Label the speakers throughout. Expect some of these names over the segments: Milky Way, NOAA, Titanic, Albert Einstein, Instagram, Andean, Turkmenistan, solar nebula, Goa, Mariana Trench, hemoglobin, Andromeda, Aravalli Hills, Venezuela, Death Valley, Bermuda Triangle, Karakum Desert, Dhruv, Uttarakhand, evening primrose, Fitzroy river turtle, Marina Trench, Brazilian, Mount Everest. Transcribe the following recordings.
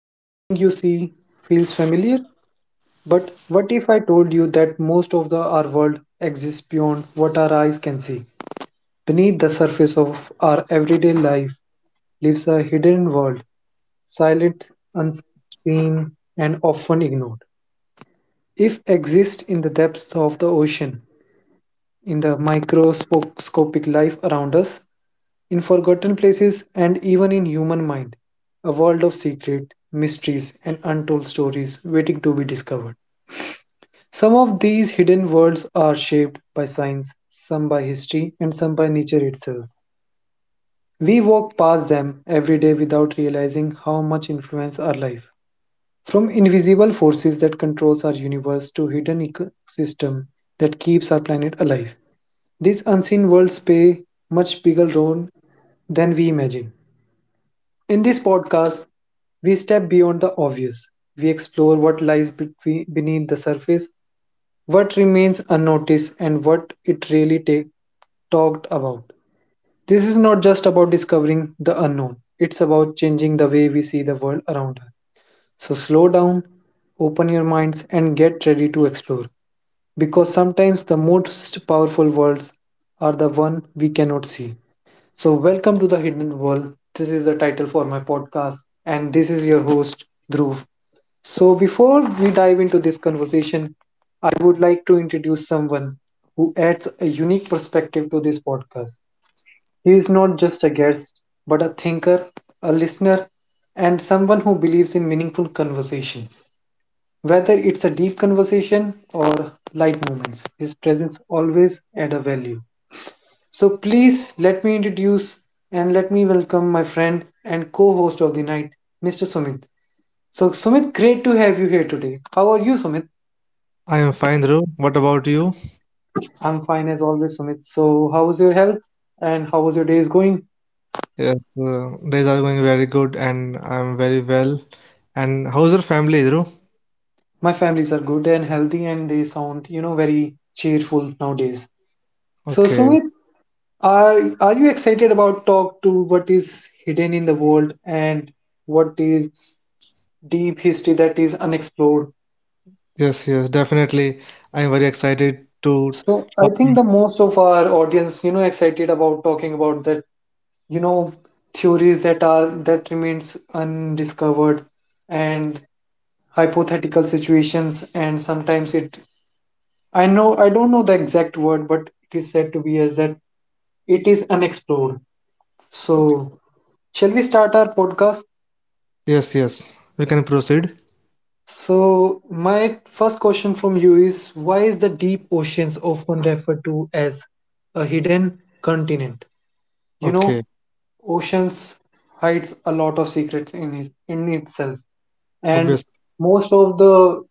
Speaker 1: Everything you see feels familiar, but what if I told you that most of our world exists beyond what our eyes can see? Beneath the surface of our everyday life lives a hidden world, silent, unseen, and often ignored. If exists in the depths of the ocean, in the microscopic life around us, in forgotten places, and even in human mind. A world of secret, mysteries, and untold stories waiting to be discovered. Some of these hidden worlds are shaped by science, some by history, and some by nature itself. We walk past them every day without realizing how much influence our life from invisible forces that controls our universe to hidden ecosystem that keeps our planet alive. These unseen worlds play much bigger role than we imagine. In this podcast, we step beyond the obvious. We explore what lies between, beneath the surface, what remains unnoticed, and what it really take, talked about. This is not just about discovering the unknown, it's about changing the way we see the world around us. So slow down, open your minds, and get ready to explore. Because sometimes the most powerful worlds are the one we cannot see. So, welcome to the Hidden World. This is the title for my podcast, and this is your host, Dhruv. So, before we dive into this conversation, I would like to introduce someone who adds a unique perspective to this podcast. He is not just a guest, but a thinker, a listener, and someone who believes in meaningful conversations. Whether it's a deep conversation or light moments, his presence always adds a value. So please let me introduce and let me welcome my friend and co-host of the night, Mr. Sumit. So Sumit, great to have you here today. How are you, Sumit?
Speaker 2: I am fine, Dhruv. What about you?
Speaker 1: I'm fine as always, Sumit. So how is your health and how was your days going?
Speaker 2: Yes, days are going very good and I'm very well. And how's your family, Dhruv?
Speaker 1: My families are good and healthy and they sound, very cheerful nowadays. So,
Speaker 2: Okay.
Speaker 1: Sumit, are you excited about talk to what is hidden in the world and what is deep history that is unexplored?
Speaker 2: Yes, yes, definitely. I'm very excited to.
Speaker 1: So, I think the most of our audience, excited about talking about that, you know, theories that are that remains undiscovered and hypothetical situations and sometimes it I know I don't know the exact word but it is said to be as that it is unexplored. So, shall we start our podcast?
Speaker 2: Yes, yes. We can proceed.
Speaker 1: So, my first question from you is why is the deep oceans often referred to as a hidden continent? You
Speaker 2: Okay,
Speaker 1: know, oceans hides a lot of secrets in it, in itself, and
Speaker 2: obvious.
Speaker 1: most of the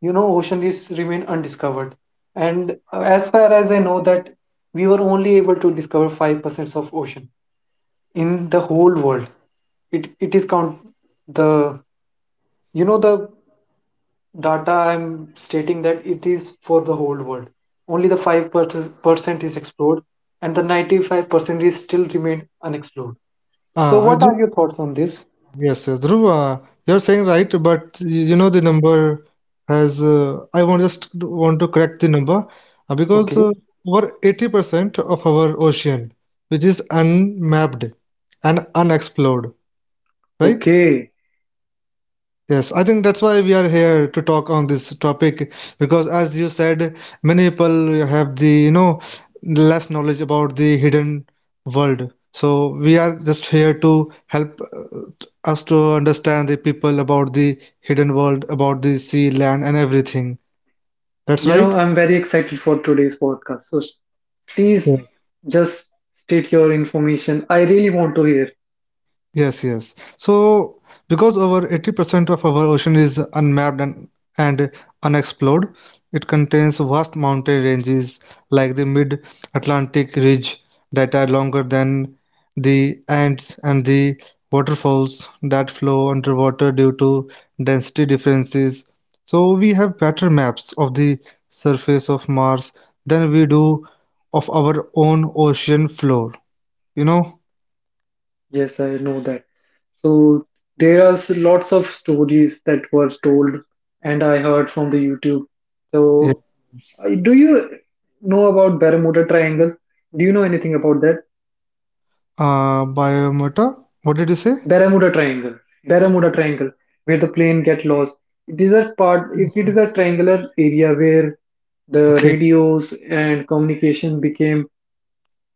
Speaker 1: ocean is remain undiscovered. And as far as I know, that we were only able to discover 5% of ocean in the whole world. It is count the the data I'm stating that it is for the whole world. Only the 5% is explored, and the 95% is still remain unexplored. So,
Speaker 2: Ah, Uh,
Speaker 1: what are your thoughts on this?
Speaker 2: Yes, yes, Dhruva, you're saying right, but you know the number has. I want just want to correct the number because
Speaker 1: Okay.
Speaker 2: uh, over 80% of our ocean, which is unmapped and unexplored, right?
Speaker 1: Okay,
Speaker 2: Yes, I think that's why we are here to talk on this topic because, as you said, many people have the, you know, less knowledge about the hidden world. So we are just here to help us to understand the people about the hidden world, about the sea, land, and everything. That's right.
Speaker 1: I'm very excited for today's podcast. So please just state your information. I really want to hear.
Speaker 2: Yes, yes. So, because over 80% of our ocean is unmapped and unexplored, it contains vast mountain ranges like the mid-Atlantic ridge that are longer than the Andes and the waterfalls that flow underwater due to density differences. So, we have better maps of the surface of Mars than we do of our own ocean floor, you know?
Speaker 1: Yes, I know that. So there are lots of stories that were told, and I heard from the YouTube.
Speaker 2: Yes.
Speaker 1: So
Speaker 2: Yes.
Speaker 1: do you know about Bermuda Triangle? Do you know anything about that?
Speaker 2: Biomota. What did you say?
Speaker 1: Bermuda Triangle. Bermuda Triangle, where the plane get lost. It is a part. It is a triangular area where the
Speaker 2: Okay,
Speaker 1: radios and communication became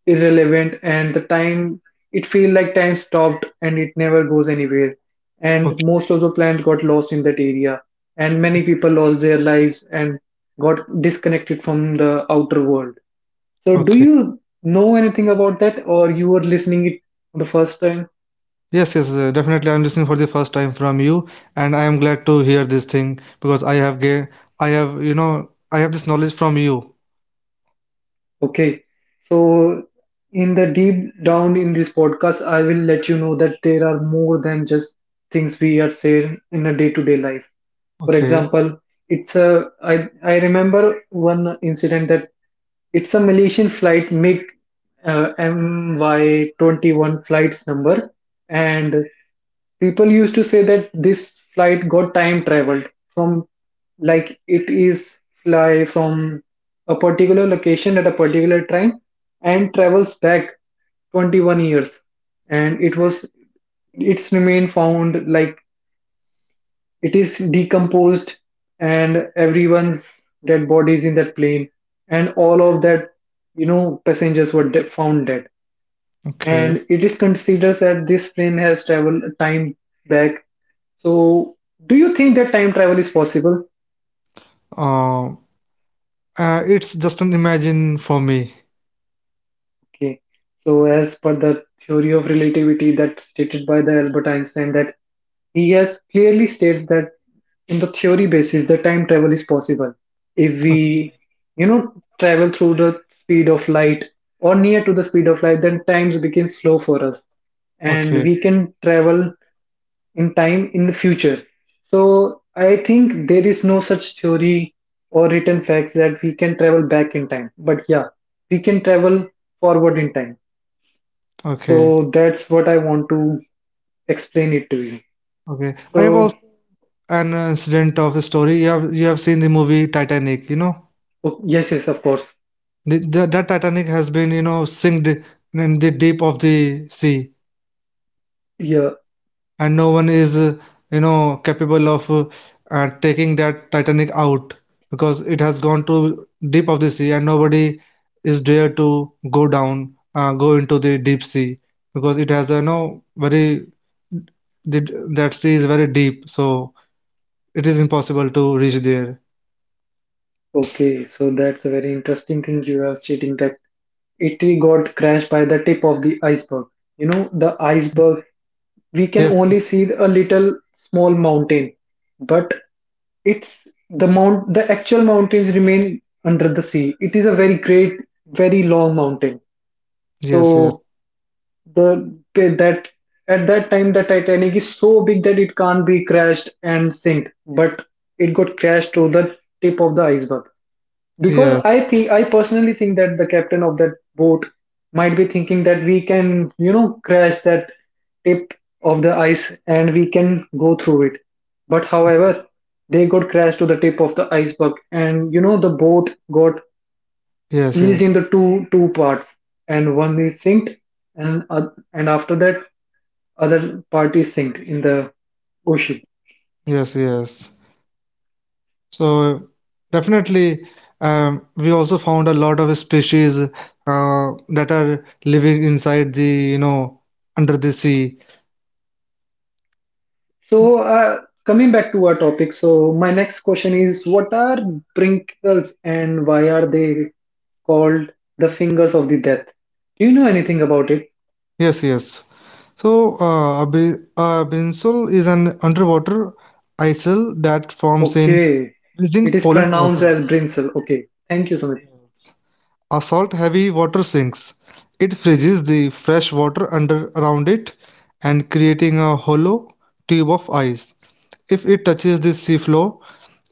Speaker 1: irrelevant and the time it feel like time stopped and it never goes anywhere and
Speaker 2: okay,
Speaker 1: most of the plant got lost in that area and many people lost their lives and got disconnected from the outer world. So do
Speaker 2: okay.
Speaker 1: you know anything about that or you were listening it for the first time?
Speaker 2: Yes, yes, definitely. I'm listening for the first time from you, and I am glad to hear this thing because I have, you know, I have this knowledge from you.
Speaker 1: Okay. So in the deep down in this podcast I will let you know that there are more than just things we are saying in a day-to-day life. For
Speaker 2: Okay,
Speaker 1: example, it's a I remember one incident that it's a Malaysian flight MiG MY21 flights number and people used to say that this flight got time traveled from like it is fly from a particular location at a particular time and travels back 21 years and it was it's remain found like it is decomposed, and everyone's dead bodies in that plane, and all of that, passengers were found dead.
Speaker 2: okay.
Speaker 1: And it is considered that this plane has traveled time back. So, do you think that time travel is possible?
Speaker 2: Um, it's just an imagine for me.
Speaker 1: Okay. So, as per the theory of relativity that's stated by the Albert Einstein, that he has clearly states that in the theory basis, the time travel is possible if
Speaker 2: Okay,
Speaker 1: we, travel through the speed of light or near to the speed of light, then times become slow for us, and
Speaker 2: okay,
Speaker 1: we can travel in time in the future. So I think there is no such theory or written facts that we can travel back in time, but yeah, we can travel forward in time.
Speaker 2: okay.
Speaker 1: So that's what I want to explain it to you.
Speaker 2: Okay. I have
Speaker 1: So
Speaker 2: also an incident of a story. You have seen the movie Titanic, you know,
Speaker 1: yes, yes, of course.
Speaker 2: that Titanic has been, you know, sinked in the deep of the sea.
Speaker 1: Yeah.
Speaker 2: And no one is you know capable of taking that Titanic out because it has gone to deep of the sea, and nobody is dare to go down, go into the deep sea because it has a you know very the, that sea is very deep, so it is impossible to reach there.
Speaker 1: Okay. So that's a very interesting thing you are stating that it got crashed by the tip of the iceberg. You know, the iceberg, we can
Speaker 2: Yes,
Speaker 1: only see a little small mountain, but it's the actual mountains remain under the sea. It is a very great, very long mountain.
Speaker 2: yes, yes,
Speaker 1: So the that at that time the Titanic is so big that it can't be crashed and sink, but it got crashed to the tip of the iceberg. Because
Speaker 2: yes,
Speaker 1: I personally think that the captain of that boat might be thinking that we can, crash that tip of the ice and we can go through it. But however, they got crashed to the tip of the iceberg, and you know the boat got
Speaker 2: yes,
Speaker 1: pieced
Speaker 2: yes,
Speaker 1: into two parts, and one is sinked, and uh, and after that other parties sink in the ocean.
Speaker 2: yes, yes. So definitely, we also found a lot of species that are living inside the you know under the sea.
Speaker 1: So, coming back to our topic, so my next question is what are brinkles and why are they called the fingers of the death? Do you know anything about it?
Speaker 2: Yes, yes. So a brinsol is an underwater icicle that forms in
Speaker 1: Okay, it
Speaker 2: freezing
Speaker 1: is
Speaker 2: polar
Speaker 1: pronounced
Speaker 2: water.
Speaker 1: as brinsel. Okay, thank you so much.
Speaker 2: A salt-heavy water sinks. It freezes the fresh water under around it and creating a hollow tube of ice. If it touches the seafloor,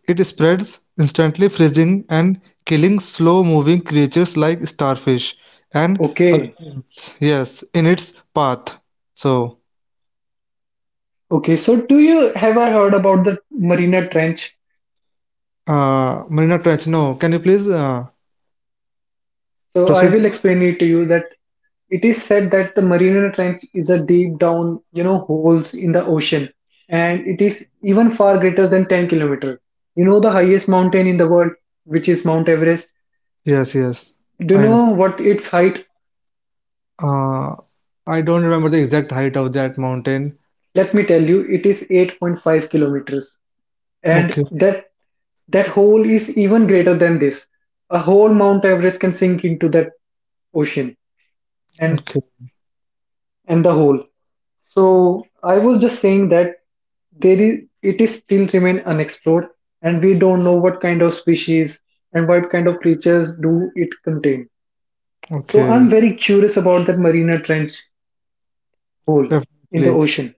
Speaker 2: it spreads instantly freezing and killing slow-moving creatures like starfish and
Speaker 1: Okay,
Speaker 2: urchins. Yes, in its path. So,
Speaker 1: okay, so do you have I heard about the Marina Trench?
Speaker 2: Marina Trench, no, can you please
Speaker 1: So, I
Speaker 2: proceed?
Speaker 1: will explain it to you that it is said that the Mariana Trench is a deep down, holes in the ocean, and it is even far greater than 10 kilometer. You know the highest mountain in the world, which is Mount Everest.
Speaker 2: Yes, yes,
Speaker 1: Do you
Speaker 2: I know.
Speaker 1: know what its height?
Speaker 2: Uh, I don't remember the exact height of that mountain.
Speaker 1: Let me tell you, it is 8.5 kilometers, and
Speaker 2: Okay,
Speaker 1: that hole is even greater than this. A whole Mount Everest can sink into that ocean and
Speaker 2: okay,
Speaker 1: and the hole. So I was just saying that there is it is still remain unexplored, and we don't know what kind of species and what kind of creatures do it contain. So
Speaker 2: okay.
Speaker 1: I'm very curious about that Marina Trench hole in the
Speaker 2: Definitely.
Speaker 1: ocean.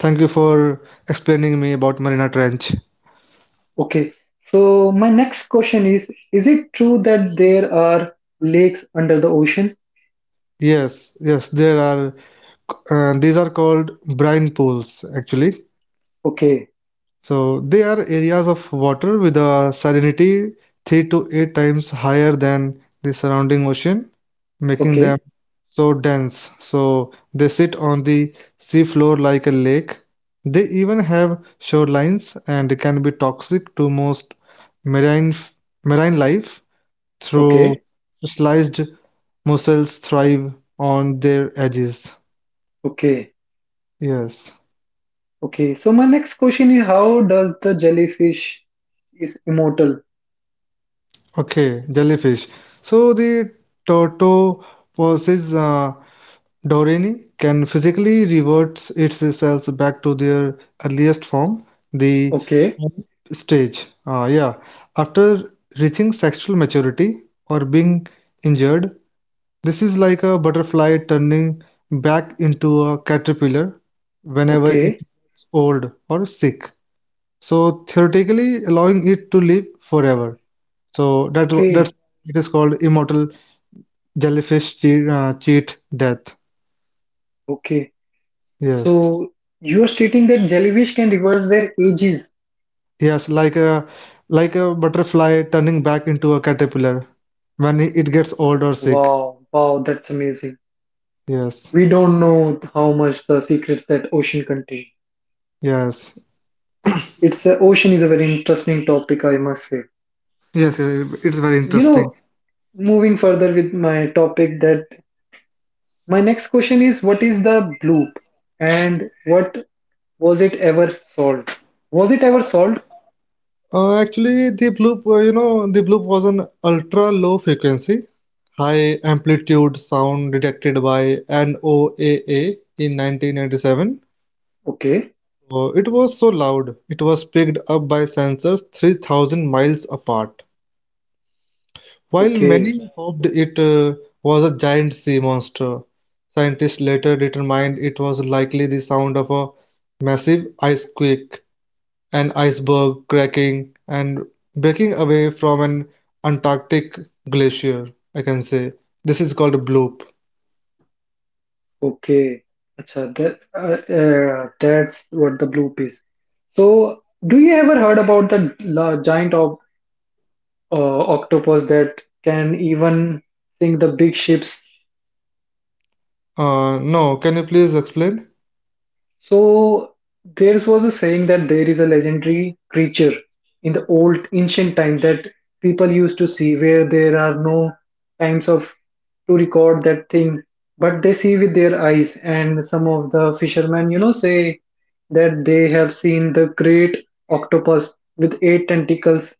Speaker 2: Thank you for explaining me about Marina Trench.
Speaker 1: Okay. So my next question is it true that there are lakes under the ocean?
Speaker 2: Yes, yes, there are, these are called brine pools actually.
Speaker 1: Okay.
Speaker 2: So they are areas of water with a salinity 3 to 8 times higher than the surrounding ocean, making them
Speaker 1: Okay.
Speaker 2: so dense. So they sit on the seafloor like a lake. They even have shorelines and can be toxic to most marine marine life through
Speaker 1: Okay.
Speaker 2: specialized mussels thrive on their edges.
Speaker 1: Okay.
Speaker 2: Yes.
Speaker 1: Okay. So my next question is: How does the jellyfish is immortal?
Speaker 2: Okay, jellyfish. So the tortoise versus Dorene can physically revert its cells back to their earliest form, the
Speaker 1: Okay.
Speaker 2: stage. Yeah, after reaching sexual maturity or being injured, this is like a butterfly turning back into a caterpillar whenever it
Speaker 1: Okay.
Speaker 2: gets old or sick. So theoretically allowing it to live forever. So
Speaker 1: Okay,
Speaker 2: that's it is called immortal jellyfish cheat death.
Speaker 1: okay.
Speaker 2: Yes,
Speaker 1: So you are stating that jellyfish can reverse their ages.
Speaker 2: yes, like a butterfly turning back into a caterpillar when it gets old or sick.
Speaker 1: Wow, wow, that's amazing.
Speaker 2: Yes,
Speaker 1: We don't know how much the secrets that ocean contain.
Speaker 2: yes,
Speaker 1: It's ocean is a very interesting topic, I must say.
Speaker 2: yes. Yes, it's very
Speaker 1: You
Speaker 2: interesting.
Speaker 1: know, moving further with my topic, that my next question is, what is the bloop, and what was it ever solved? Was it ever solved?
Speaker 2: Actually, the bloop, you know, the bloop was an ultra low frequency, high amplitude sound detected by NOAA in 1997.
Speaker 1: Okay,
Speaker 2: It was so loud, it was picked up by sensors 3,000 miles apart. While
Speaker 1: okay,
Speaker 2: many hoped it was a giant sea monster, scientists later determined it was likely the sound of a massive icequake, an iceberg cracking and breaking away from an Antarctic glacier. I can say this is called a bloop.
Speaker 1: okay. Acha, that, that's what the bloop is. So, do you ever heard about the giant uh, octopus that can even sink the big ships?
Speaker 2: No, can you please explain?
Speaker 1: So there was a saying that there is a legendary creature in the old ancient time that people used to see where there are no times of to record that thing, but they see with their eyes. And some of the fishermen, say that they have seen the great octopus with 8 tentacles.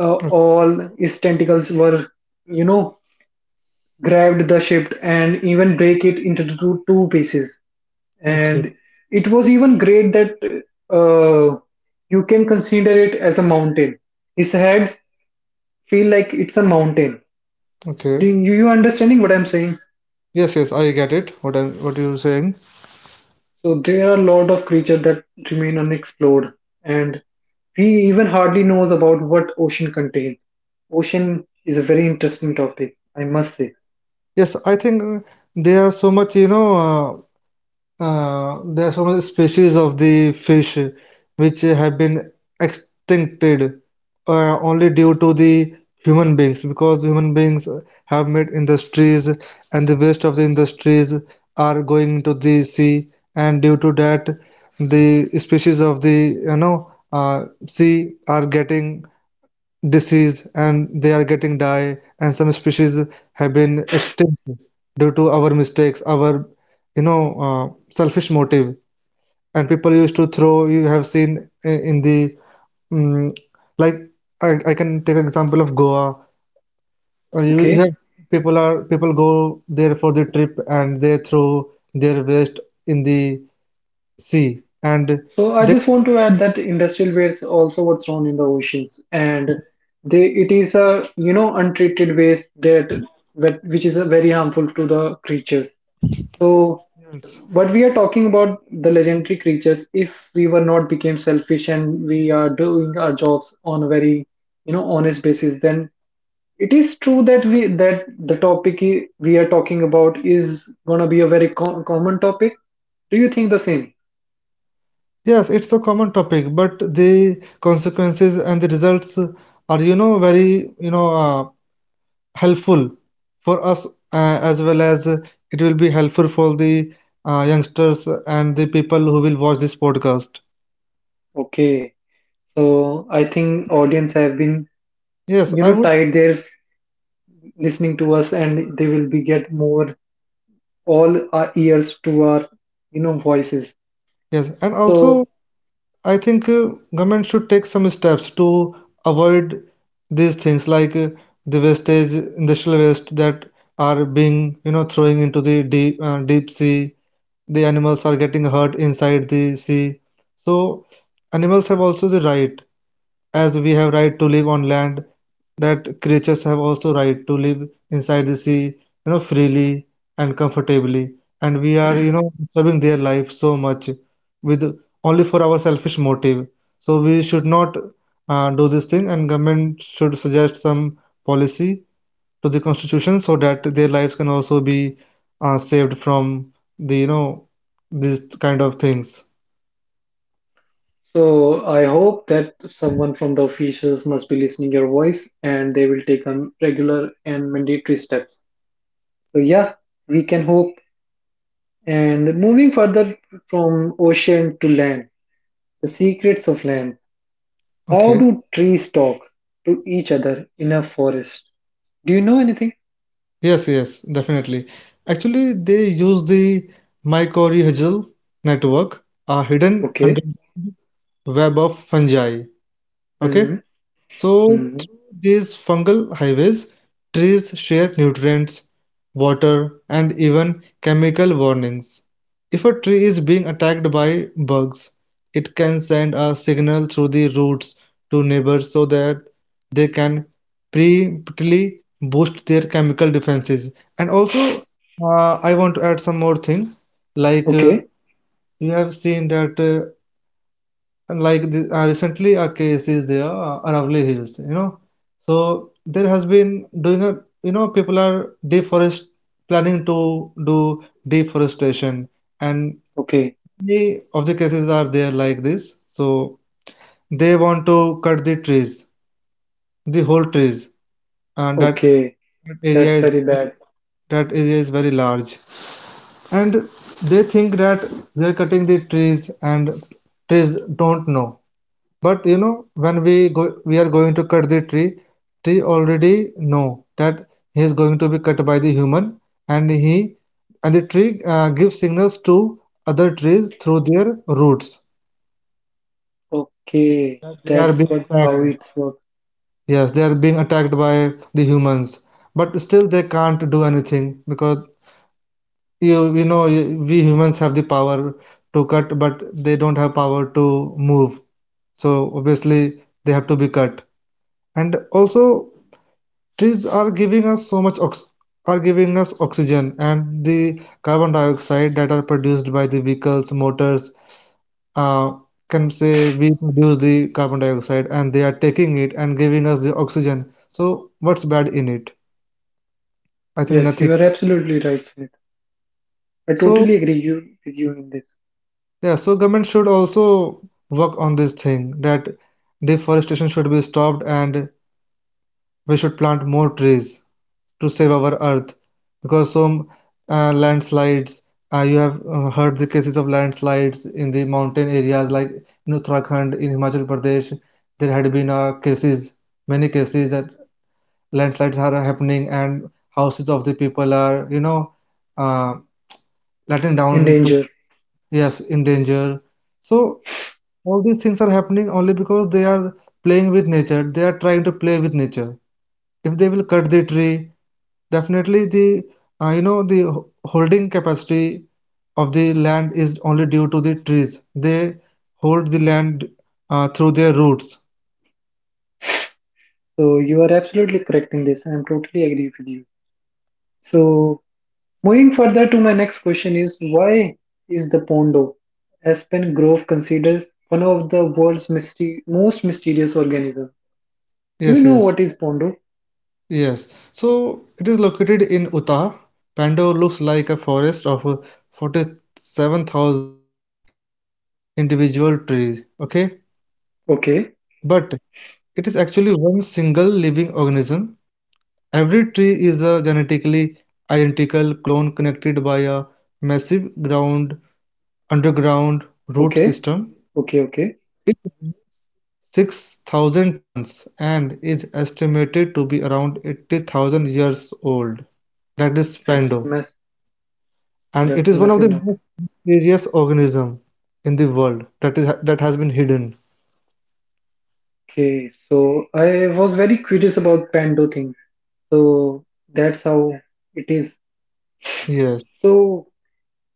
Speaker 1: All his tentacles were, you know, grabbed the ship and even break it into two pieces.
Speaker 2: Okay,
Speaker 1: And it was even great that uh, you can consider it as a mountain. His head feel like it's a mountain. Do
Speaker 2: okay.
Speaker 1: you understanding what I'm saying?
Speaker 2: Yes, yes, I get it. What you're saying.
Speaker 1: So there are a lot of creatures that remain unexplored, and we even hardly knows about what ocean contains. Ocean is a very interesting topic, I must say.
Speaker 2: Yes, I think there are so much, you know, there are so much species of the fish which have been extincted only due to the human beings because the human beings have made industries and the waste of the industries are going to the sea, and due to that the species of the you know sea are getting disease and they are getting die, and some species have been extinct due to our mistakes our you know selfish motive, and people used to throw you have seen in the mm like I can take example of Goa. You
Speaker 1: Okay.
Speaker 2: have people are people go there for the trip and they throw their waste in the sea, and
Speaker 1: So I just want to add that industrial waste also were thrown in the oceans, and they it is a you know untreated waste that which is a very harmful to the creatures. So
Speaker 2: they.
Speaker 1: what we are talking about the legendary creatures, if we were not became selfish and we are doing our jobs on a very honest basis, then it is true that we that the topic I- we are talking about is gonna be a very co common topic. Do you think the same?
Speaker 2: Yes, it's a common topic, but the consequences and the results are, you know, very, you know, helpful for us, as well as it will be helpful for the youngsters and the people who will watch this podcast.
Speaker 1: Okay. So I think audience have been,
Speaker 2: Yes, I would.
Speaker 1: tied there listening to us and they will be get more all our ears to our, voices.
Speaker 2: Yes, and also
Speaker 1: So
Speaker 2: I think government should take some steps to avoid these things like the wastage, industrial waste that are being, you know, throwing into the deep sea, the animals are getting hurt inside the sea, so animals have also the right as we have right to live on land, that creatures have also right to live inside the sea, you know, freely and comfortably, and we are you know disturbing their life so much with only for our selfish motive, so we should not do this thing and government should suggest some policy to the constitution so that their lives can also be saved from the you know these kind of things.
Speaker 1: so I hope that someone from the officials must be listening your voice and they will take on regular and mandatory steps. So yeah, we can hope. And moving further from ocean to land, the secrets of land. How
Speaker 2: Okay,
Speaker 1: do trees talk to each other in a forest? Do you know anything?
Speaker 2: yes, yes, definitely. Actually they use the mycorrhizal network, hidden under
Speaker 1: Okay.
Speaker 2: web of fungi. Okay.
Speaker 1: Mhm,
Speaker 2: So,
Speaker 1: mhm.
Speaker 2: through these fungal highways, trees share nutrients, water, and even chemical warnings. If a tree is being attacked by bugs, it can send a signal through the roots to neighbors so that they can preemptively boost their chemical defenses. And also, I want to add some more thing. Like
Speaker 1: Okay,
Speaker 2: you have seen that recently a case is there, Aravalli Hills, you know, so there has been doing a you know people are deforest planning to do deforestation, and
Speaker 1: okay,
Speaker 2: many of the cases are there like this, so they want to cut the trees, the whole trees, and that,
Speaker 1: okay.
Speaker 2: that
Speaker 1: That's
Speaker 2: area is
Speaker 1: very bad.
Speaker 2: that area is very large, and they think that they're cutting the trees and trees don't know. But you know, when we go, we are going to cut the tree, tree already know that he is going to be cut by the human, and he and the tree gives signals to other trees through their roots.
Speaker 1: Okay,
Speaker 2: They are
Speaker 1: that's
Speaker 2: being
Speaker 1: what how
Speaker 2: attacked.
Speaker 1: it's work.
Speaker 2: Yes, they are being attacked by the humans, but still they can't do anything because you know we humans have the power to cut, but they don't have power to move. So obviously they have to be cut. And also trees are giving us so much ox are giving us oxygen, and the carbon dioxide that are produced by the vehicles motors, uh, can say we produce the carbon dioxide and they are taking it and giving us the oxygen, so what's bad in it? I think
Speaker 1: Yes,
Speaker 2: nothing.
Speaker 1: you are absolutely right, Smith. I
Speaker 2: So
Speaker 1: totally agree with you in this.
Speaker 2: yeah, so government should also work on this thing that deforestation should be stopped and we should plant more trees to save our earth, because some landslides, you have heard the cases of landslides in the mountain areas like in Uttarakhand, in Himachal Pradesh, there had been cases, many cases that landslides are happening and houses of the people are you know uh, letting down
Speaker 1: In
Speaker 2: to.
Speaker 1: danger.
Speaker 2: Yes, in danger. So all these things are happening only because they are playing with nature, they are trying to play with nature. If they will cut the tree, definitely the you know the holding capacity of the land is only due to the trees. They hold the land through their roots.
Speaker 1: So you are absolutely correct in this. I am totally agree with you. So moving further to my next question is why is the Pondo Aspen Grove considered one of the world's most mysterious organism? Do you
Speaker 2: Yes,
Speaker 1: know
Speaker 2: yes,
Speaker 1: what is Pondo?
Speaker 2: yes. So it is located in Utah. Pando looks like a forest of 47,000 individual trees. Okay, but
Speaker 1: Okay,
Speaker 2: it is actually one single living organism. Every tree is a genetically identical clone connected by a massive ground underground root system.
Speaker 1: okay, okay,
Speaker 2: It
Speaker 1: okay.
Speaker 2: weighs 6,000 tons and is estimated to be around 80,000 years old. That is Pando,
Speaker 1: That's a mess.
Speaker 2: and it is one
Speaker 1: That's a
Speaker 2: of the
Speaker 1: massive
Speaker 2: most
Speaker 1: number.
Speaker 2: mysterious organism in the world that is that has been hidden.
Speaker 1: Okay, so I was very curious about Pando thing. So that's how it is.
Speaker 2: Yes.
Speaker 1: So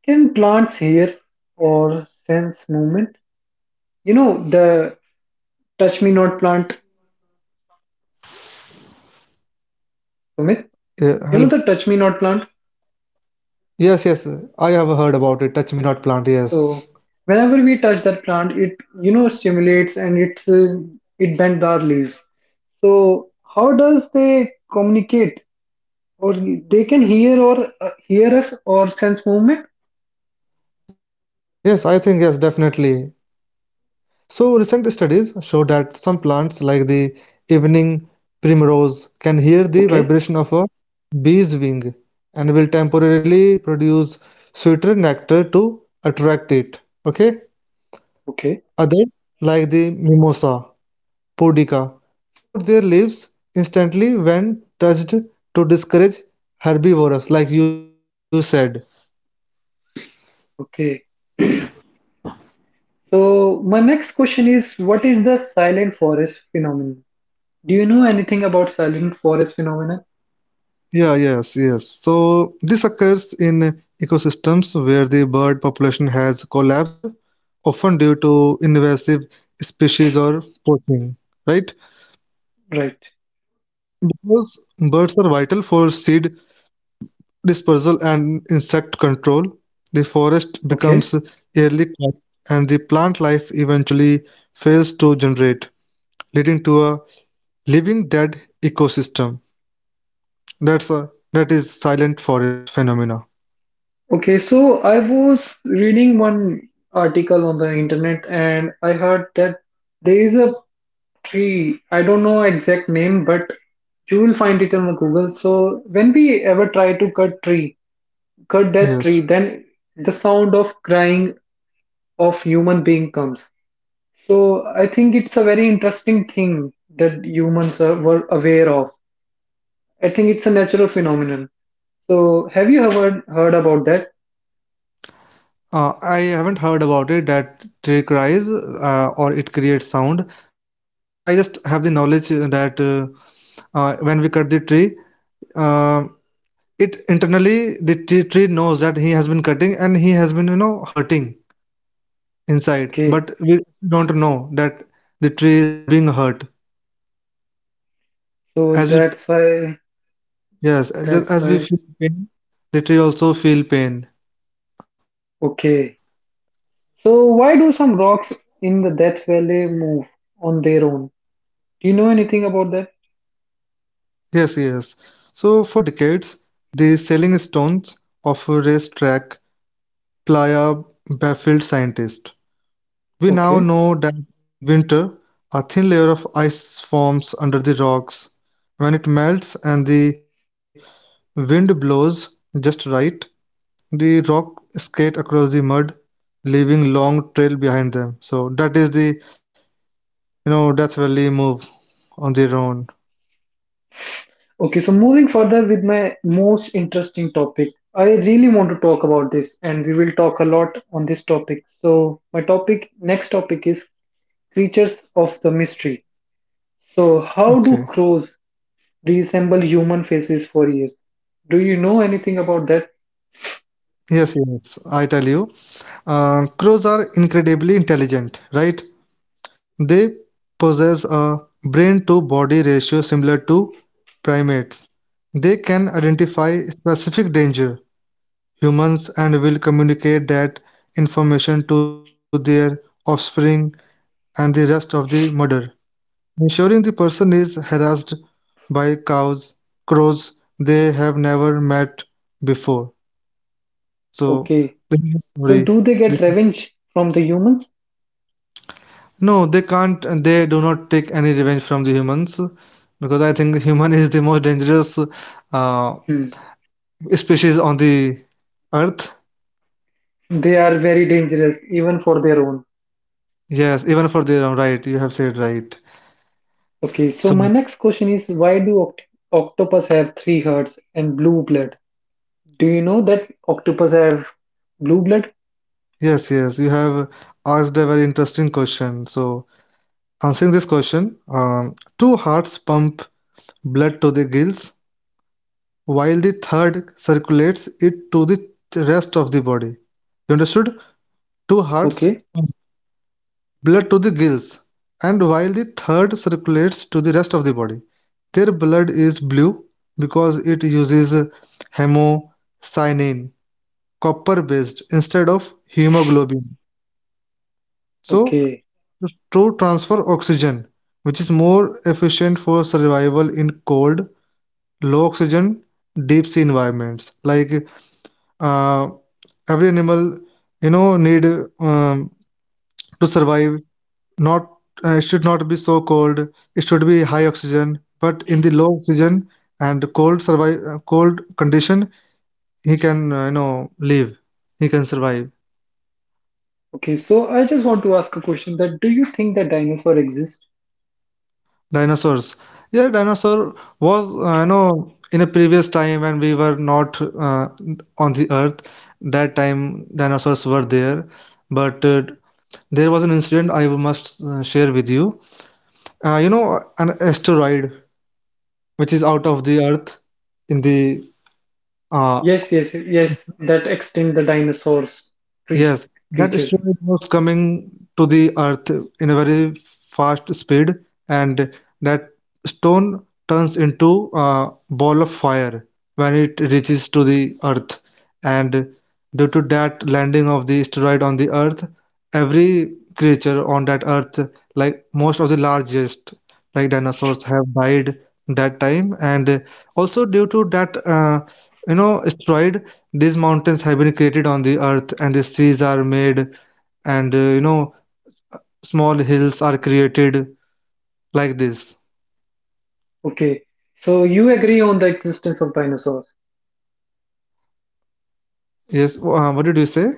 Speaker 1: can plants hear or sense movement? You know the touch me not plant,
Speaker 2: Yeah,
Speaker 1: Sumit.
Speaker 2: hello.
Speaker 1: You know the touch me not plant.
Speaker 2: Yes, yes. I have heard about it. Touch me not plant. Yes.
Speaker 1: So whenever we touch that plant, it stimulates and it bends our leaves. So how does they communicate? Or they can hear or hear us or sense movement?
Speaker 2: Yes, I think yes, definitely. So recent studies show that some plants like the evening primrose can hear the
Speaker 1: Okay.
Speaker 2: vibration of a bee's wing and will temporarily produce sweeter nectar to attract it. Okay?
Speaker 1: Okay.
Speaker 2: Others like the mimosa podica fold their leaves instantly when touched to discourage herbivores like you said.
Speaker 1: Okay. So my next question is, what is the silent forest phenomenon? Do you know anything about silent forest phenomenon?
Speaker 2: Yeah, yes, yes. So this occurs in ecosystems where the bird population has collapsed, often due to invasive species or poaching, right?
Speaker 1: Right.
Speaker 2: Because birds are vital for seed dispersal and insect control, the forest becomes
Speaker 1: Okay.
Speaker 2: eerily quiet and the plant life eventually fails to generate, leading to a living dead ecosystem. That is silent forest phenomena.
Speaker 1: Okay. So I was reading one article on the internet and I heard that there is a tree. I don't know exact name, but you will find it on the Google. So when we ever try to cut that
Speaker 2: Yes.
Speaker 1: tree, then the sound of crying of human being comes. So I think it's a very interesting thing that humans were aware of. I think it's a natural phenomenon. So have you ever heard about that?
Speaker 2: I haven't heard about it that tree cries or it creates sound, but I just have the knowledge that when we cut the tree, um it internally the tree knows that he has been cutting and he has been hurting inside,
Speaker 1: Okay.
Speaker 2: but we don't know that the tree is being hurt.
Speaker 1: So
Speaker 2: As we
Speaker 1: that's why
Speaker 2: yes, as
Speaker 1: that's
Speaker 2: as we
Speaker 1: why
Speaker 2: feel pain, the tree also feel pain.
Speaker 1: Okay. So why do some rocks in the Death Valley move on their own? Do you know anything about that?
Speaker 2: Yes, yes. So for decades, the selling stones of a racetrack Playa baffled scientists. We now
Speaker 1: Okay.
Speaker 2: know that in winter, a thin layer of ice forms under the rocks. When it melts and the wind blows just right, the rock skate across the mud, leaving long trail behind them. So that is the Death Valley move on their own.
Speaker 1: Okay, so moving further with my most interesting topic. I really want to talk about this and we will talk a lot on this topic. So my topic next topic is creatures of the mystery. So,
Speaker 2: Okay.
Speaker 1: how do crows resemble human faces for years? Do you know anything about that?
Speaker 2: Yes, yes, I tell you. Crows are incredibly intelligent, right? They possess a brain-to-body ratio similar to primates; they can identify specific danger humans and will communicate that information to their offspring and the rest of the murder. Ensuring the person is harassed by cows, crows they have never met before. So
Speaker 1: Okay.
Speaker 2: this is the story.
Speaker 1: So, do they
Speaker 2: The
Speaker 1: get revenge from the humans?
Speaker 2: No, they can't. They do not take any revenge from the humans because I think human is the most dangerous uh,
Speaker 1: Hmm.
Speaker 2: species on the earth.
Speaker 1: They are very dangerous, even for their own.
Speaker 2: Yes, even for their own right. You have said right.
Speaker 1: Okay. So,
Speaker 2: So
Speaker 1: my next question is why do octopus have three hearts and blue blood? Do you know that octopus have blue blood?
Speaker 2: yes, yes, you have asked a very interesting question. So answering this question, two hearts pump blood to the gills while the third circulates it to the rest of the body. You understood? Two hearts
Speaker 1: Okay.
Speaker 2: blood to the gills and while the third circulates to the rest of the body. Their blood is blue because it uses hemocyanin, copper based, instead of hemoglobin. So,
Speaker 1: Okay.
Speaker 2: to transfer oxygen, which is more efficient for survival in cold, low oxygen, deep sea environments. Like uh, every animal, you know, need um, to survive not it should not be so cold, it should be high oxygen, but in the low oxygen and cold survive cold condition he can live, he can survive
Speaker 1: Okay. So, I just want to ask a question that do you think that dinosaur exist?
Speaker 2: dinosaurs, yeah, dinosaur was in a previous time when we were not on the earth, that time dinosaurs were there, but there was an incident I must share with you. You know An asteroid which is out of the earth in the uh,
Speaker 1: Yes, yes, yes. That extinct the dinosaurs crea-
Speaker 2: Yes, that
Speaker 1: creatures.
Speaker 2: asteroid was coming to the Earth in a very fast speed, and that stone turns into a ball of fire when it reaches to the Earth. And due to that landing of the asteroid on the Earth, every creature on that Earth, like most of the largest, like dinosaurs, have died that time. And also due to that, asteroid, these mountains have been created on the earth and the seas are made, and small hills are created like this.
Speaker 1: Okay. So you agree on the existence of dinosaurs.
Speaker 2: Yes, what did you say?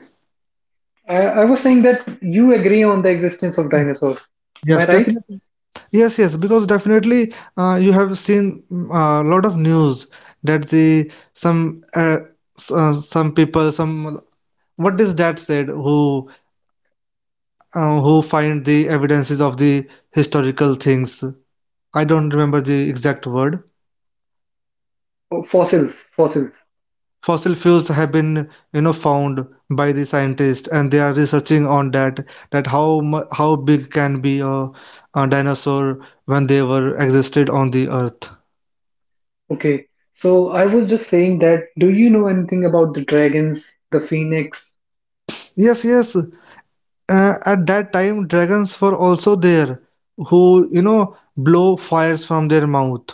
Speaker 1: I was saying that you agree on the existence of dinosaurs. Am I
Speaker 2: Yes,
Speaker 1: right?
Speaker 2: definitely. Yes, yes, because definitely you have seen a lot of news that the some some people, some what is that said who find the evidences of the historical things. I don't remember the exact word.
Speaker 1: Oh, fossils, fossils.
Speaker 2: Fossil fuels have been, you know, found by the scientists, and they are researching on that. That how how big can be a dinosaur when they were existed on the earth?
Speaker 1: Okay. So I was just saying that do you know anything about the dragons, the phoenix?
Speaker 2: Yes, yes. At that time, dragons were also there, who blow fires from their mouth.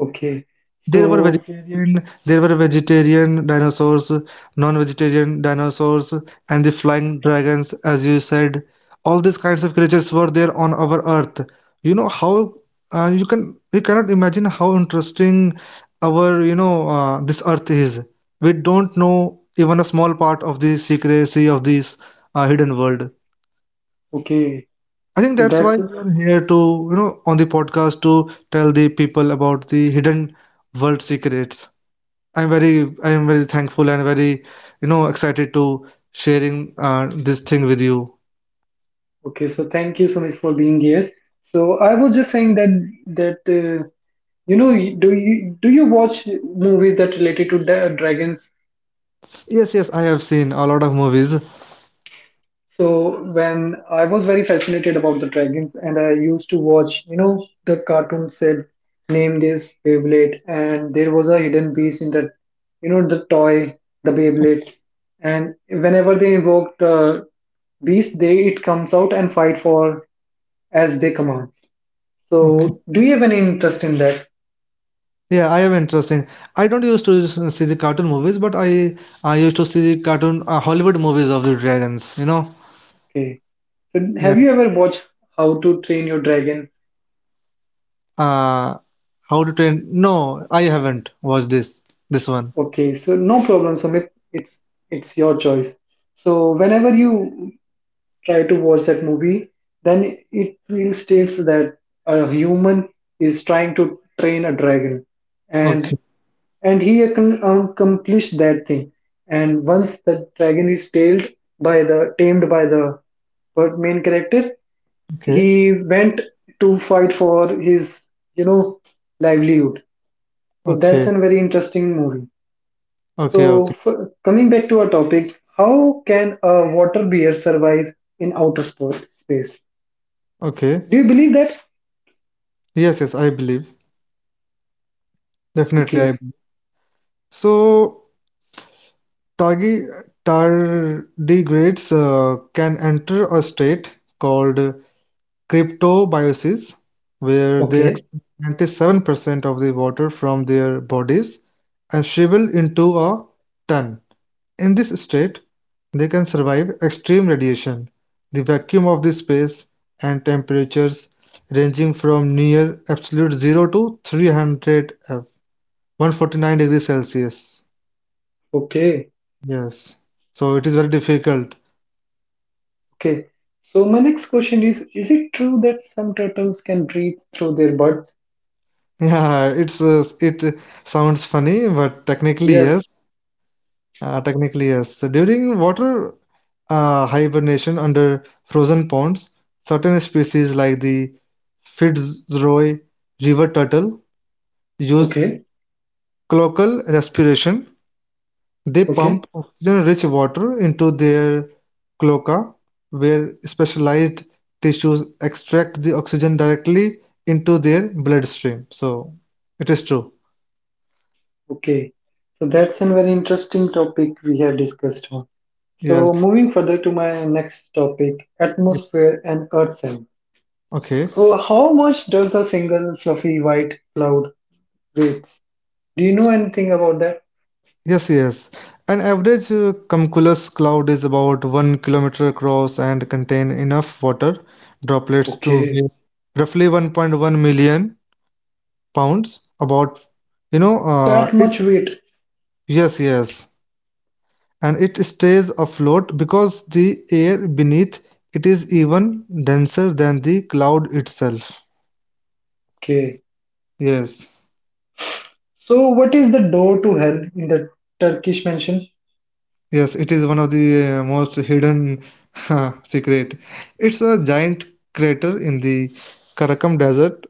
Speaker 1: Okay.
Speaker 2: There were
Speaker 1: So,
Speaker 2: vegetarian, there were vegetarian dinosaurs, non-vegetarian dinosaurs, and the flying dragons, as you said. All these kinds of creatures were there on our Earth. You know how you can we cannot imagine how interesting our this Earth is. We don't know even a small part of the secrecy of this hidden world.
Speaker 1: okay.
Speaker 2: I think
Speaker 1: So
Speaker 2: that's why
Speaker 1: that's
Speaker 2: we are here to on the podcast to tell the people about the hidden world secrets. I'm very thankful and very excited to sharing this thing with you.
Speaker 1: okay. So thank you so much for being here. So I was just saying that do you watch movies that related to dragons?
Speaker 2: Yes, yes, I have seen a lot of movies.
Speaker 1: So when I was very fascinated about the dragons, and I used to watch, the cartoon said, "Name this Beyblade," and there was a hidden beast in that, the toy, the Beyblade, and whenever they invoked the beast, they it comes out and fight for as they command.
Speaker 2: Okay.
Speaker 1: So do you have any interest in that?
Speaker 2: Yeah, I am interesting. I don't used to see the cartoon movies, but I used to see the cartoon Hollywood movies of the dragons, you know.
Speaker 1: Okay. So
Speaker 2: Yeah.
Speaker 1: have you ever watched How to Train Your Dragon?
Speaker 2: Uh How to Train. No, I haven't watched this one.
Speaker 1: Okay, so no problem, Sumit. It's your choice. So whenever you try to watch that movie, then it really states that a human is trying to train a dragon,
Speaker 2: Okay.
Speaker 1: and and he accomplished that thing. And once the dragon is tailed by the tamed by the first main character,
Speaker 2: Okay.
Speaker 1: he went to fight for his you know livelihood. So that's
Speaker 2: Okay.
Speaker 1: a very interesting movie.
Speaker 2: Okay,
Speaker 1: So,
Speaker 2: okay.
Speaker 1: coming back to our topic, how can a water bear survive in outer space?
Speaker 2: Okay.
Speaker 1: Do you believe that?
Speaker 2: Yes, yes, I believe. Definitely I
Speaker 1: Okay,
Speaker 2: believe. So Targi- Tardigrades can enter a state called cryptobiosis, where they
Speaker 1: okay,
Speaker 2: expel 97% of the water from their bodies and shrivel into a ton. In this state, they can survive extreme radiation, the vacuum of the space, and temperatures ranging from near absolute zero to 300 F, 149 degrees Celsius.
Speaker 1: okay,
Speaker 2: Yes, so it is very difficult.
Speaker 1: okay. So, my next question is, is it true that some turtles can breathe through their buds?
Speaker 2: Yeah, it sounds funny, but technically
Speaker 1: Yes,
Speaker 2: yes. Technically yes. During water hibernation under frozen ponds, certain species like the Fitzroy river turtle use
Speaker 1: okay,
Speaker 2: cloacal respiration. They
Speaker 1: okay,
Speaker 2: pump oxygen-rich water into their cloaca, where specialized tissues extract the oxygen directly into their bloodstream. So it is true.
Speaker 1: okay. So, that's a very interesting topic we have discussed on. So,
Speaker 2: Yes.
Speaker 1: moving further to my next topic, atmosphere and earth science.
Speaker 2: Okay.
Speaker 1: Oh, how much does a single fluffy white cloud— Wait, do you know anything about that?
Speaker 2: Yes, yes. An average cumulus cloud is about 1 kilometer across and contain enough water droplets to
Speaker 1: Okay,
Speaker 2: weigh roughly 1.1 million pounds. About,
Speaker 1: that
Speaker 2: it.
Speaker 1: much weight.
Speaker 2: Yes, yes. And it stays afloat because the air beneath it is even denser than the cloud itself.
Speaker 1: Okay,
Speaker 2: Yes,
Speaker 1: so what is the door to hell in the Turkish mansion?
Speaker 2: yes. It is one of the most hidden secret. It's a giant crater in the Karakum Desert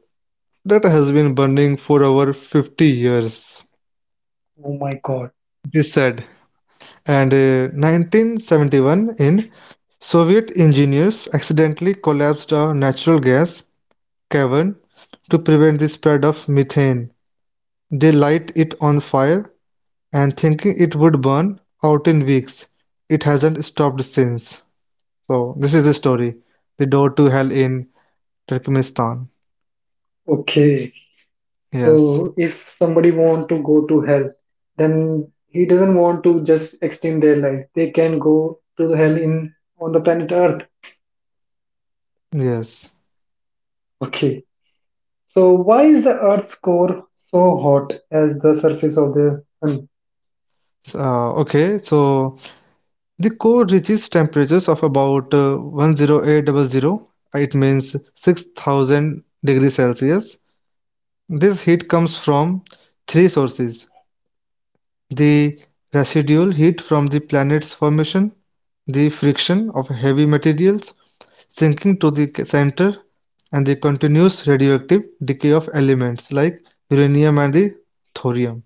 Speaker 2: that has been burning for over 50 years,
Speaker 1: Oh my God.
Speaker 2: it is said. And 1971 in Soviet engineers accidentally collapsed a natural gas cavern to prevent the spread of methane. They light it on fire and thinking it would burn out in weeks. It hasn't stopped since. So this is the story. The door to hell in Turkmenistan.
Speaker 1: Okay,
Speaker 2: Yes.
Speaker 1: so if somebody want to go to hell, then he doesn't want to just extend their life. They can go to the hell in on the planet Earth.
Speaker 2: Yes.
Speaker 1: Okay, so why is the Earth's core so hot as the surface of the sun?
Speaker 2: So, okay, so the core reaches temperatures of about 108 double zero, it means 6,000 degrees Celsius. This heat comes from three sources: the residual heat from the planet's formation, the friction of heavy materials sinking to the center, and the continuous radioactive decay of elements like uranium and the thorium.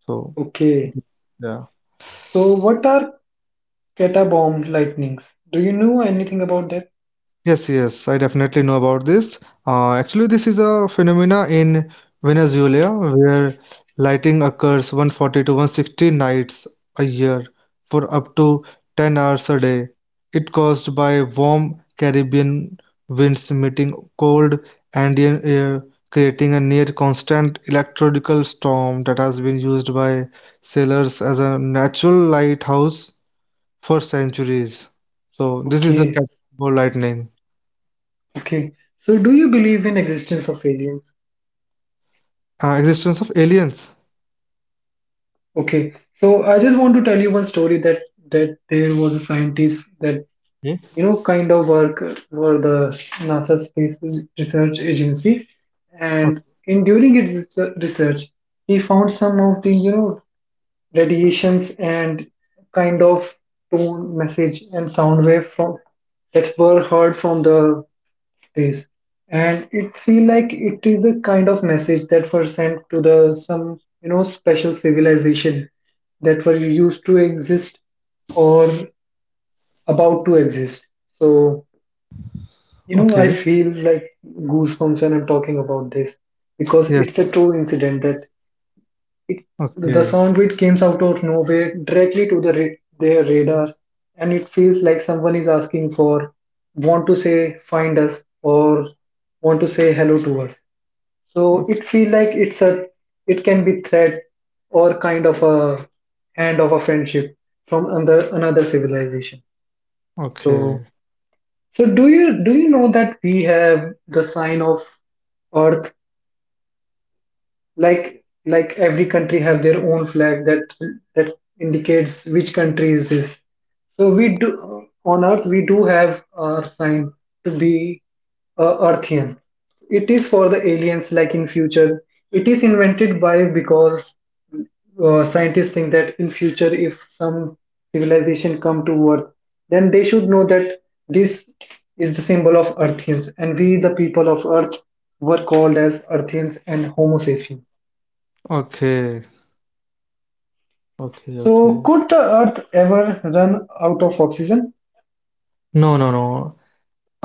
Speaker 2: So
Speaker 1: Okay,
Speaker 2: yeah.
Speaker 1: so what are catabombed lightnings? Do you know anything about that?
Speaker 2: Yes, yes, I definitely know about this. Actually, this is a phenomena in Venezuela where lighting occurs 140 to 160 nights a year for up to 10 hours a day. It caused by warm Caribbean winds meeting cold Andean air, creating a near constant electrical storm that has been used by sailors as a natural lighthouse for centuries. So this is the
Speaker 1: Okay,
Speaker 2: Catatumbo lightning.
Speaker 1: okay. So, do you believe in existence of aliens?
Speaker 2: Existence of aliens.
Speaker 1: Okay. So, I just want to tell you one story that there was a scientist that
Speaker 2: Yeah.
Speaker 1: kind of work for the NASA Space Research Agency,
Speaker 2: O-
Speaker 1: and in during his research, he found some of the radiations and kind of tone, message, and sound wave from that were heard from the days, and it feel like it is a kind of message that were sent to the some special civilization that were used to exist or about to exist. So, I
Speaker 2: Okay.
Speaker 1: feel like goosebumps when I'm talking about this, because
Speaker 2: Yes.
Speaker 1: it's a true incident that it the
Speaker 2: Okay.
Speaker 1: sound bit comes out of nowhere directly to their radar, and it feels like someone is asking for want to say find us or want to say hello to us. So
Speaker 2: Okay.
Speaker 1: it feel like it can be threat, or kind of a hand of a friendship from another civilization. So
Speaker 2: Okay.
Speaker 1: so do you know that we have the sign of Earth, like every country have their own flag that indicates which country is this. So we do, on earth we do have our sign to be earthian. It is for the aliens like in future, it is invented by because scientists think that in future if some civilization come to earth, then they should know that this is the symbol of earthians, and we the people of earth were called as earthians and homo sapiens.
Speaker 2: Okay. Okay. Okay.
Speaker 1: So, could the Earth ever run out of oxygen?
Speaker 2: No. No. No.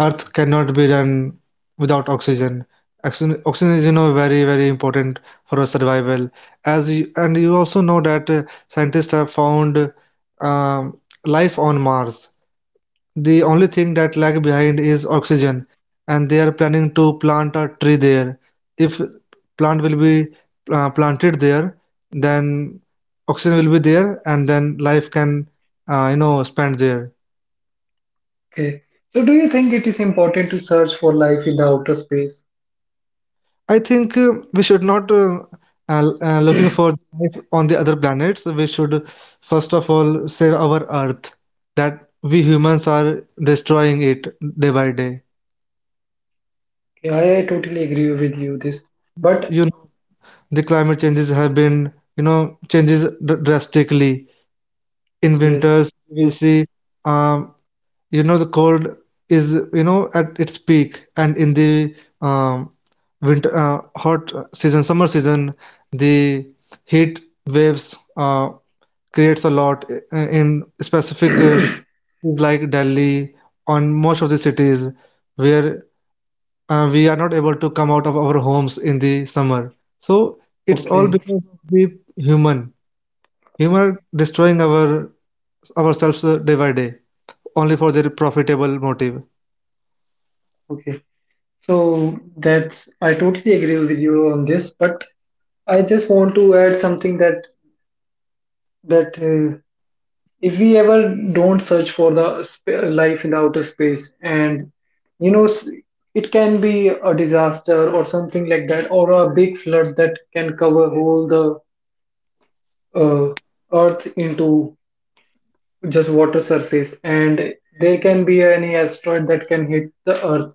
Speaker 2: Earth cannot be run without oxygen. Oxygen is, you know, very, very important for our survival. As you, and you also know that scientists have found um, life on Mars. The only thing that lag behind is oxygen, and they are planning to plant a tree there. If plant will be planted there, then oxygen will be there, and then life can spend there.
Speaker 1: Okay. So, do you think it is important to search for life in the outer space?
Speaker 2: I think we should not looking for life on the other planets. We should first of all save our Earth that we humans are destroying it day by day.
Speaker 1: Okay, I totally agree with you this, but
Speaker 2: You The climate changes have been you know changes drastically in
Speaker 1: yes,
Speaker 2: winters we'll
Speaker 1: yes,
Speaker 2: see um, you know the cold is at its peak, and in the um, winter hot season, summer season, the heat waves uh, creates a lot in specific cities like Delhi on most of the cities where we are not able to come out of our homes in the summer. So it's all
Speaker 1: okay,
Speaker 2: because of the human. Humor destroying our ourselves day by day, only for their profitable motive.
Speaker 1: okay. So that's I totally agree with you on this, but I just want to add something that if we ever don't search for the life in the outer space, and you know s- it can be a disaster or something like that, or a big flood that can cover whole the uh, earth into just water surface, and there can be any asteroid that can hit the earth.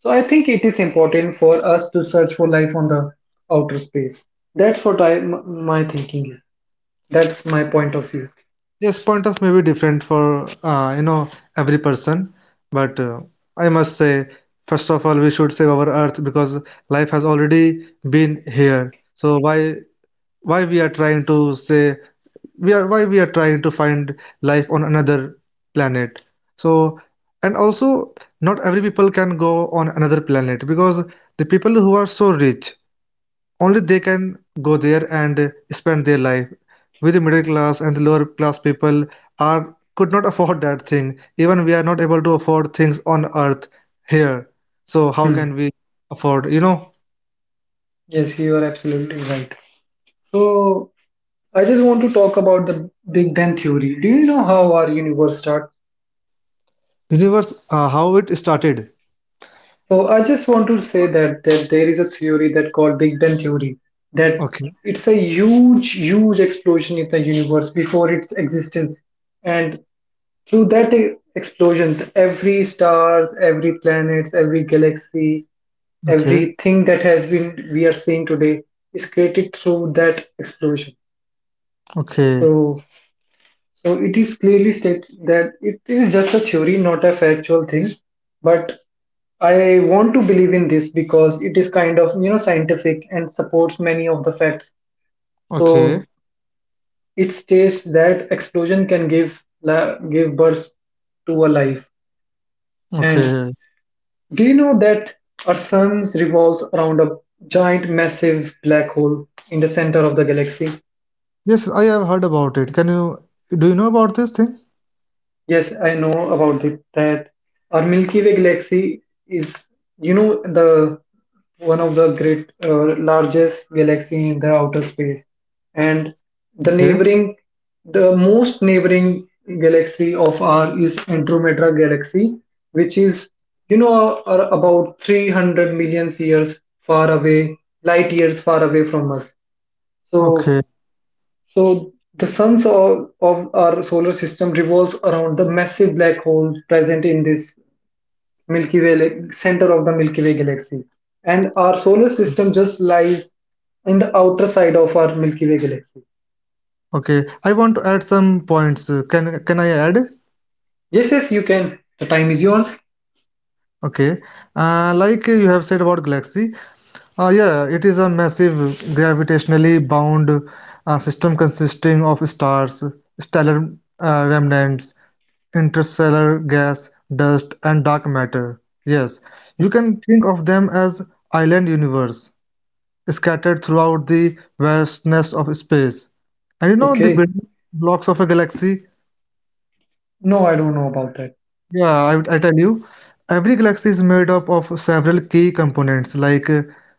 Speaker 1: So I think it is important for us to search for life on the outer space. That's what my thinking is. That's my point of view.
Speaker 2: Yes, point of may be different for every person, but I must say, first of all, we should save our earth because life has already been here. So why why we are trying to say we are why we are trying to find life on another planet? So and also not every people can go on another planet because the people who are so rich only they can go there and spend their life. We the middle class and the lower class people are could not afford that thing. Even we are not able to afford things on earth here. So how
Speaker 1: Hmm.
Speaker 2: can we afford, you know,
Speaker 1: Yes, you are absolutely right. So I just want to talk about the Big Bang theory. Do you know how our universe starts?
Speaker 2: universe how it started?
Speaker 1: So I just want to say that there is a theory that called Big Bang theory, that
Speaker 2: Okay.
Speaker 1: it's a huge, huge explosion in the universe before its existence, and through that explosion, every stars, every planets, every galaxy,
Speaker 2: Okay.
Speaker 1: everything that has been we are seeing today is created through that explosion.
Speaker 2: Okay.
Speaker 1: So So it is clearly stated that it is just a theory, not a factual thing. But I want to believe in this because it is kind of scientific and supports many of the facts.
Speaker 2: Okay.
Speaker 1: So it states that explosion can give birth to a life. And
Speaker 2: Okay.
Speaker 1: do you know that our sun revolves around a giant, massive black hole in the center of the galaxy?
Speaker 2: Yes, I have heard about it. Can you Do you know about this thing?
Speaker 1: Yes, I know about it, that our Milky Way galaxy is, the one of the great largest galaxy in the outer space, and the
Speaker 2: Okay.
Speaker 1: neighboring, the most neighboring galaxy of our is Andromeda galaxy, which is, are about 300 million years far away, light years far away from us. So
Speaker 2: Okay.
Speaker 1: so the suns of our solar system revolves around the massive black hole present in this Milky Way like, center of the Milky Way galaxy, and our solar system just lies in the outer side of our Milky Way galaxy.
Speaker 2: Okay. I want to add some points. Can I add?
Speaker 1: Yes, yes, you can. The time is yours.
Speaker 2: Okay, you have said about galaxy, yeah, it is a massive gravitationally bound system consisting of stars, stellar remnants, interstellar gas, dust, and dark matter. Yes, you can think of them as island universe scattered throughout the vastness of space. And you know the
Speaker 1: Okay.
Speaker 2: building blocks of a galaxy.
Speaker 1: No, I don't know about that.
Speaker 2: Yeah, I tell you, every galaxy is made up of several key components like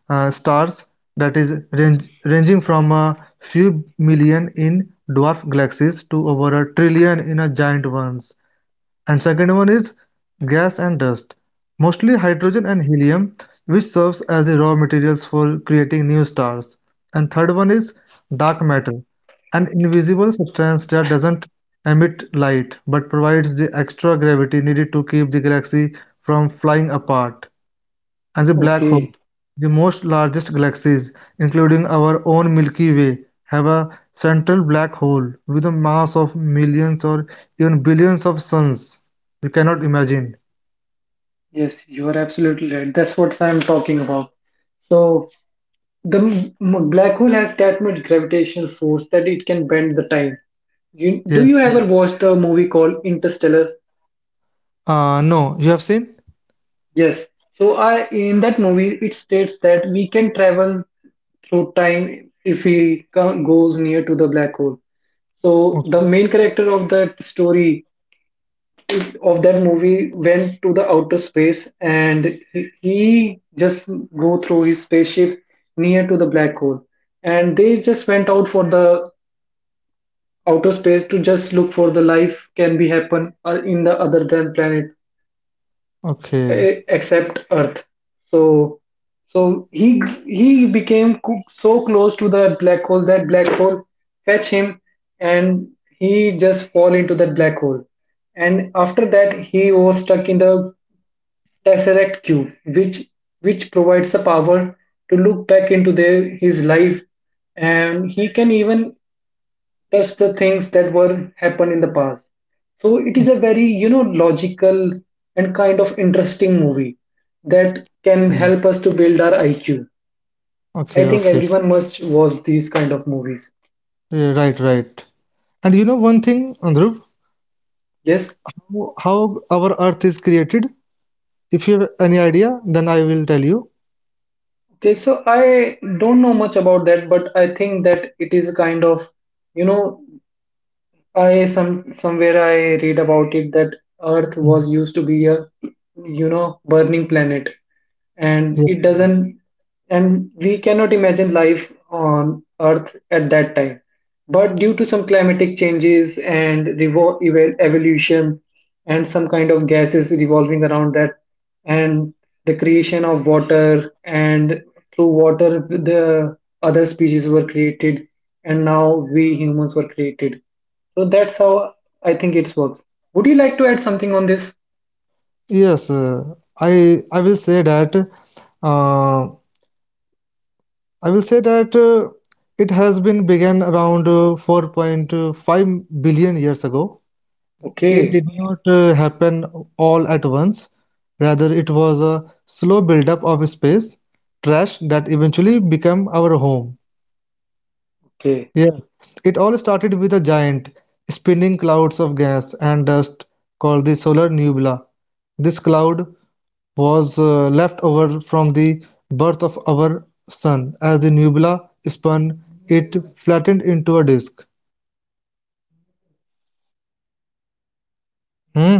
Speaker 2: stars that is ranging from a few million in dwarf galaxies to over a trillion in a giant ones. And second one is gas and dust, mostly hydrogen and helium, which serves as the raw materials for creating new stars. And third one is dark matter, an invisible substance that doesn't emit light but provides the extra gravity needed to keep the galaxy from flying apart, and the black hole.
Speaker 1: Okay.
Speaker 2: The most largest galaxies, including our own Milky Way, have a central black hole with a mass of millions or even billions of suns. You cannot imagine.
Speaker 1: Yes, you are absolutely right. That's what I'm talking about. So the black hole has that much gravitational force that it can bend the time. Do
Speaker 2: Yeah,
Speaker 1: you ever
Speaker 2: yeah.
Speaker 1: watch the movie called Interstellar?
Speaker 2: No, you have seen?
Speaker 1: Yes. So I in that movie it states that we can travel through time if he goes near to the black hole. So the
Speaker 2: Okay.
Speaker 1: main character of that movie went to the outer space, and he just go through his spaceship near to the black hole, and they just went out for the outer space to just look for the life can be happen in the other than planet
Speaker 2: Okay.
Speaker 1: except Earth. So so he became so close to that black hole, that black hole fetch him, and he just fall into that black hole. And after that he was stuck in the tesseract cube, which provides the power to look back into their his life, and he can even touch the things that were happened in the past. So it is a very logical and kind of interesting movie that can
Speaker 2: Hmm.
Speaker 1: help us to build our IQ. I
Speaker 2: Okay,
Speaker 1: think
Speaker 2: okay.
Speaker 1: everyone must watch these kind of movies.
Speaker 2: Yeah, right, right. And you know one thing, Andhruv,
Speaker 1: Yes.
Speaker 2: how our Earth is created? If you have any idea, then I will tell you.
Speaker 1: Okay. So I don't know much about that, but I think that it is a kind of you know I some somewhere I read about it that Earth
Speaker 2: Mm.
Speaker 1: was used to be a burning planet, and
Speaker 2: Yes,
Speaker 1: it
Speaker 2: yes.
Speaker 1: doesn't, and we cannot imagine life on Earth at that time. But due to some climatic changes and evolution and some kind of gases revolving around that, and the creation of water, and through water the other species were created, and now we humans were created, so that's how I think it works. Would you like to add something on this?
Speaker 2: Yes, I I will say that uh, I will say that uh, it has been began around 4.5 billion years ago. It
Speaker 1: Okay.
Speaker 2: did not happen all at once. Rather, it was a slow buildup of space trash that eventually became our home. Yes, it all started with a giant spinning clouds of gas and dust called the solar nebula. This cloud was left over from the birth of our sun. As the nebula spun, it flattened into a disk. Hmm?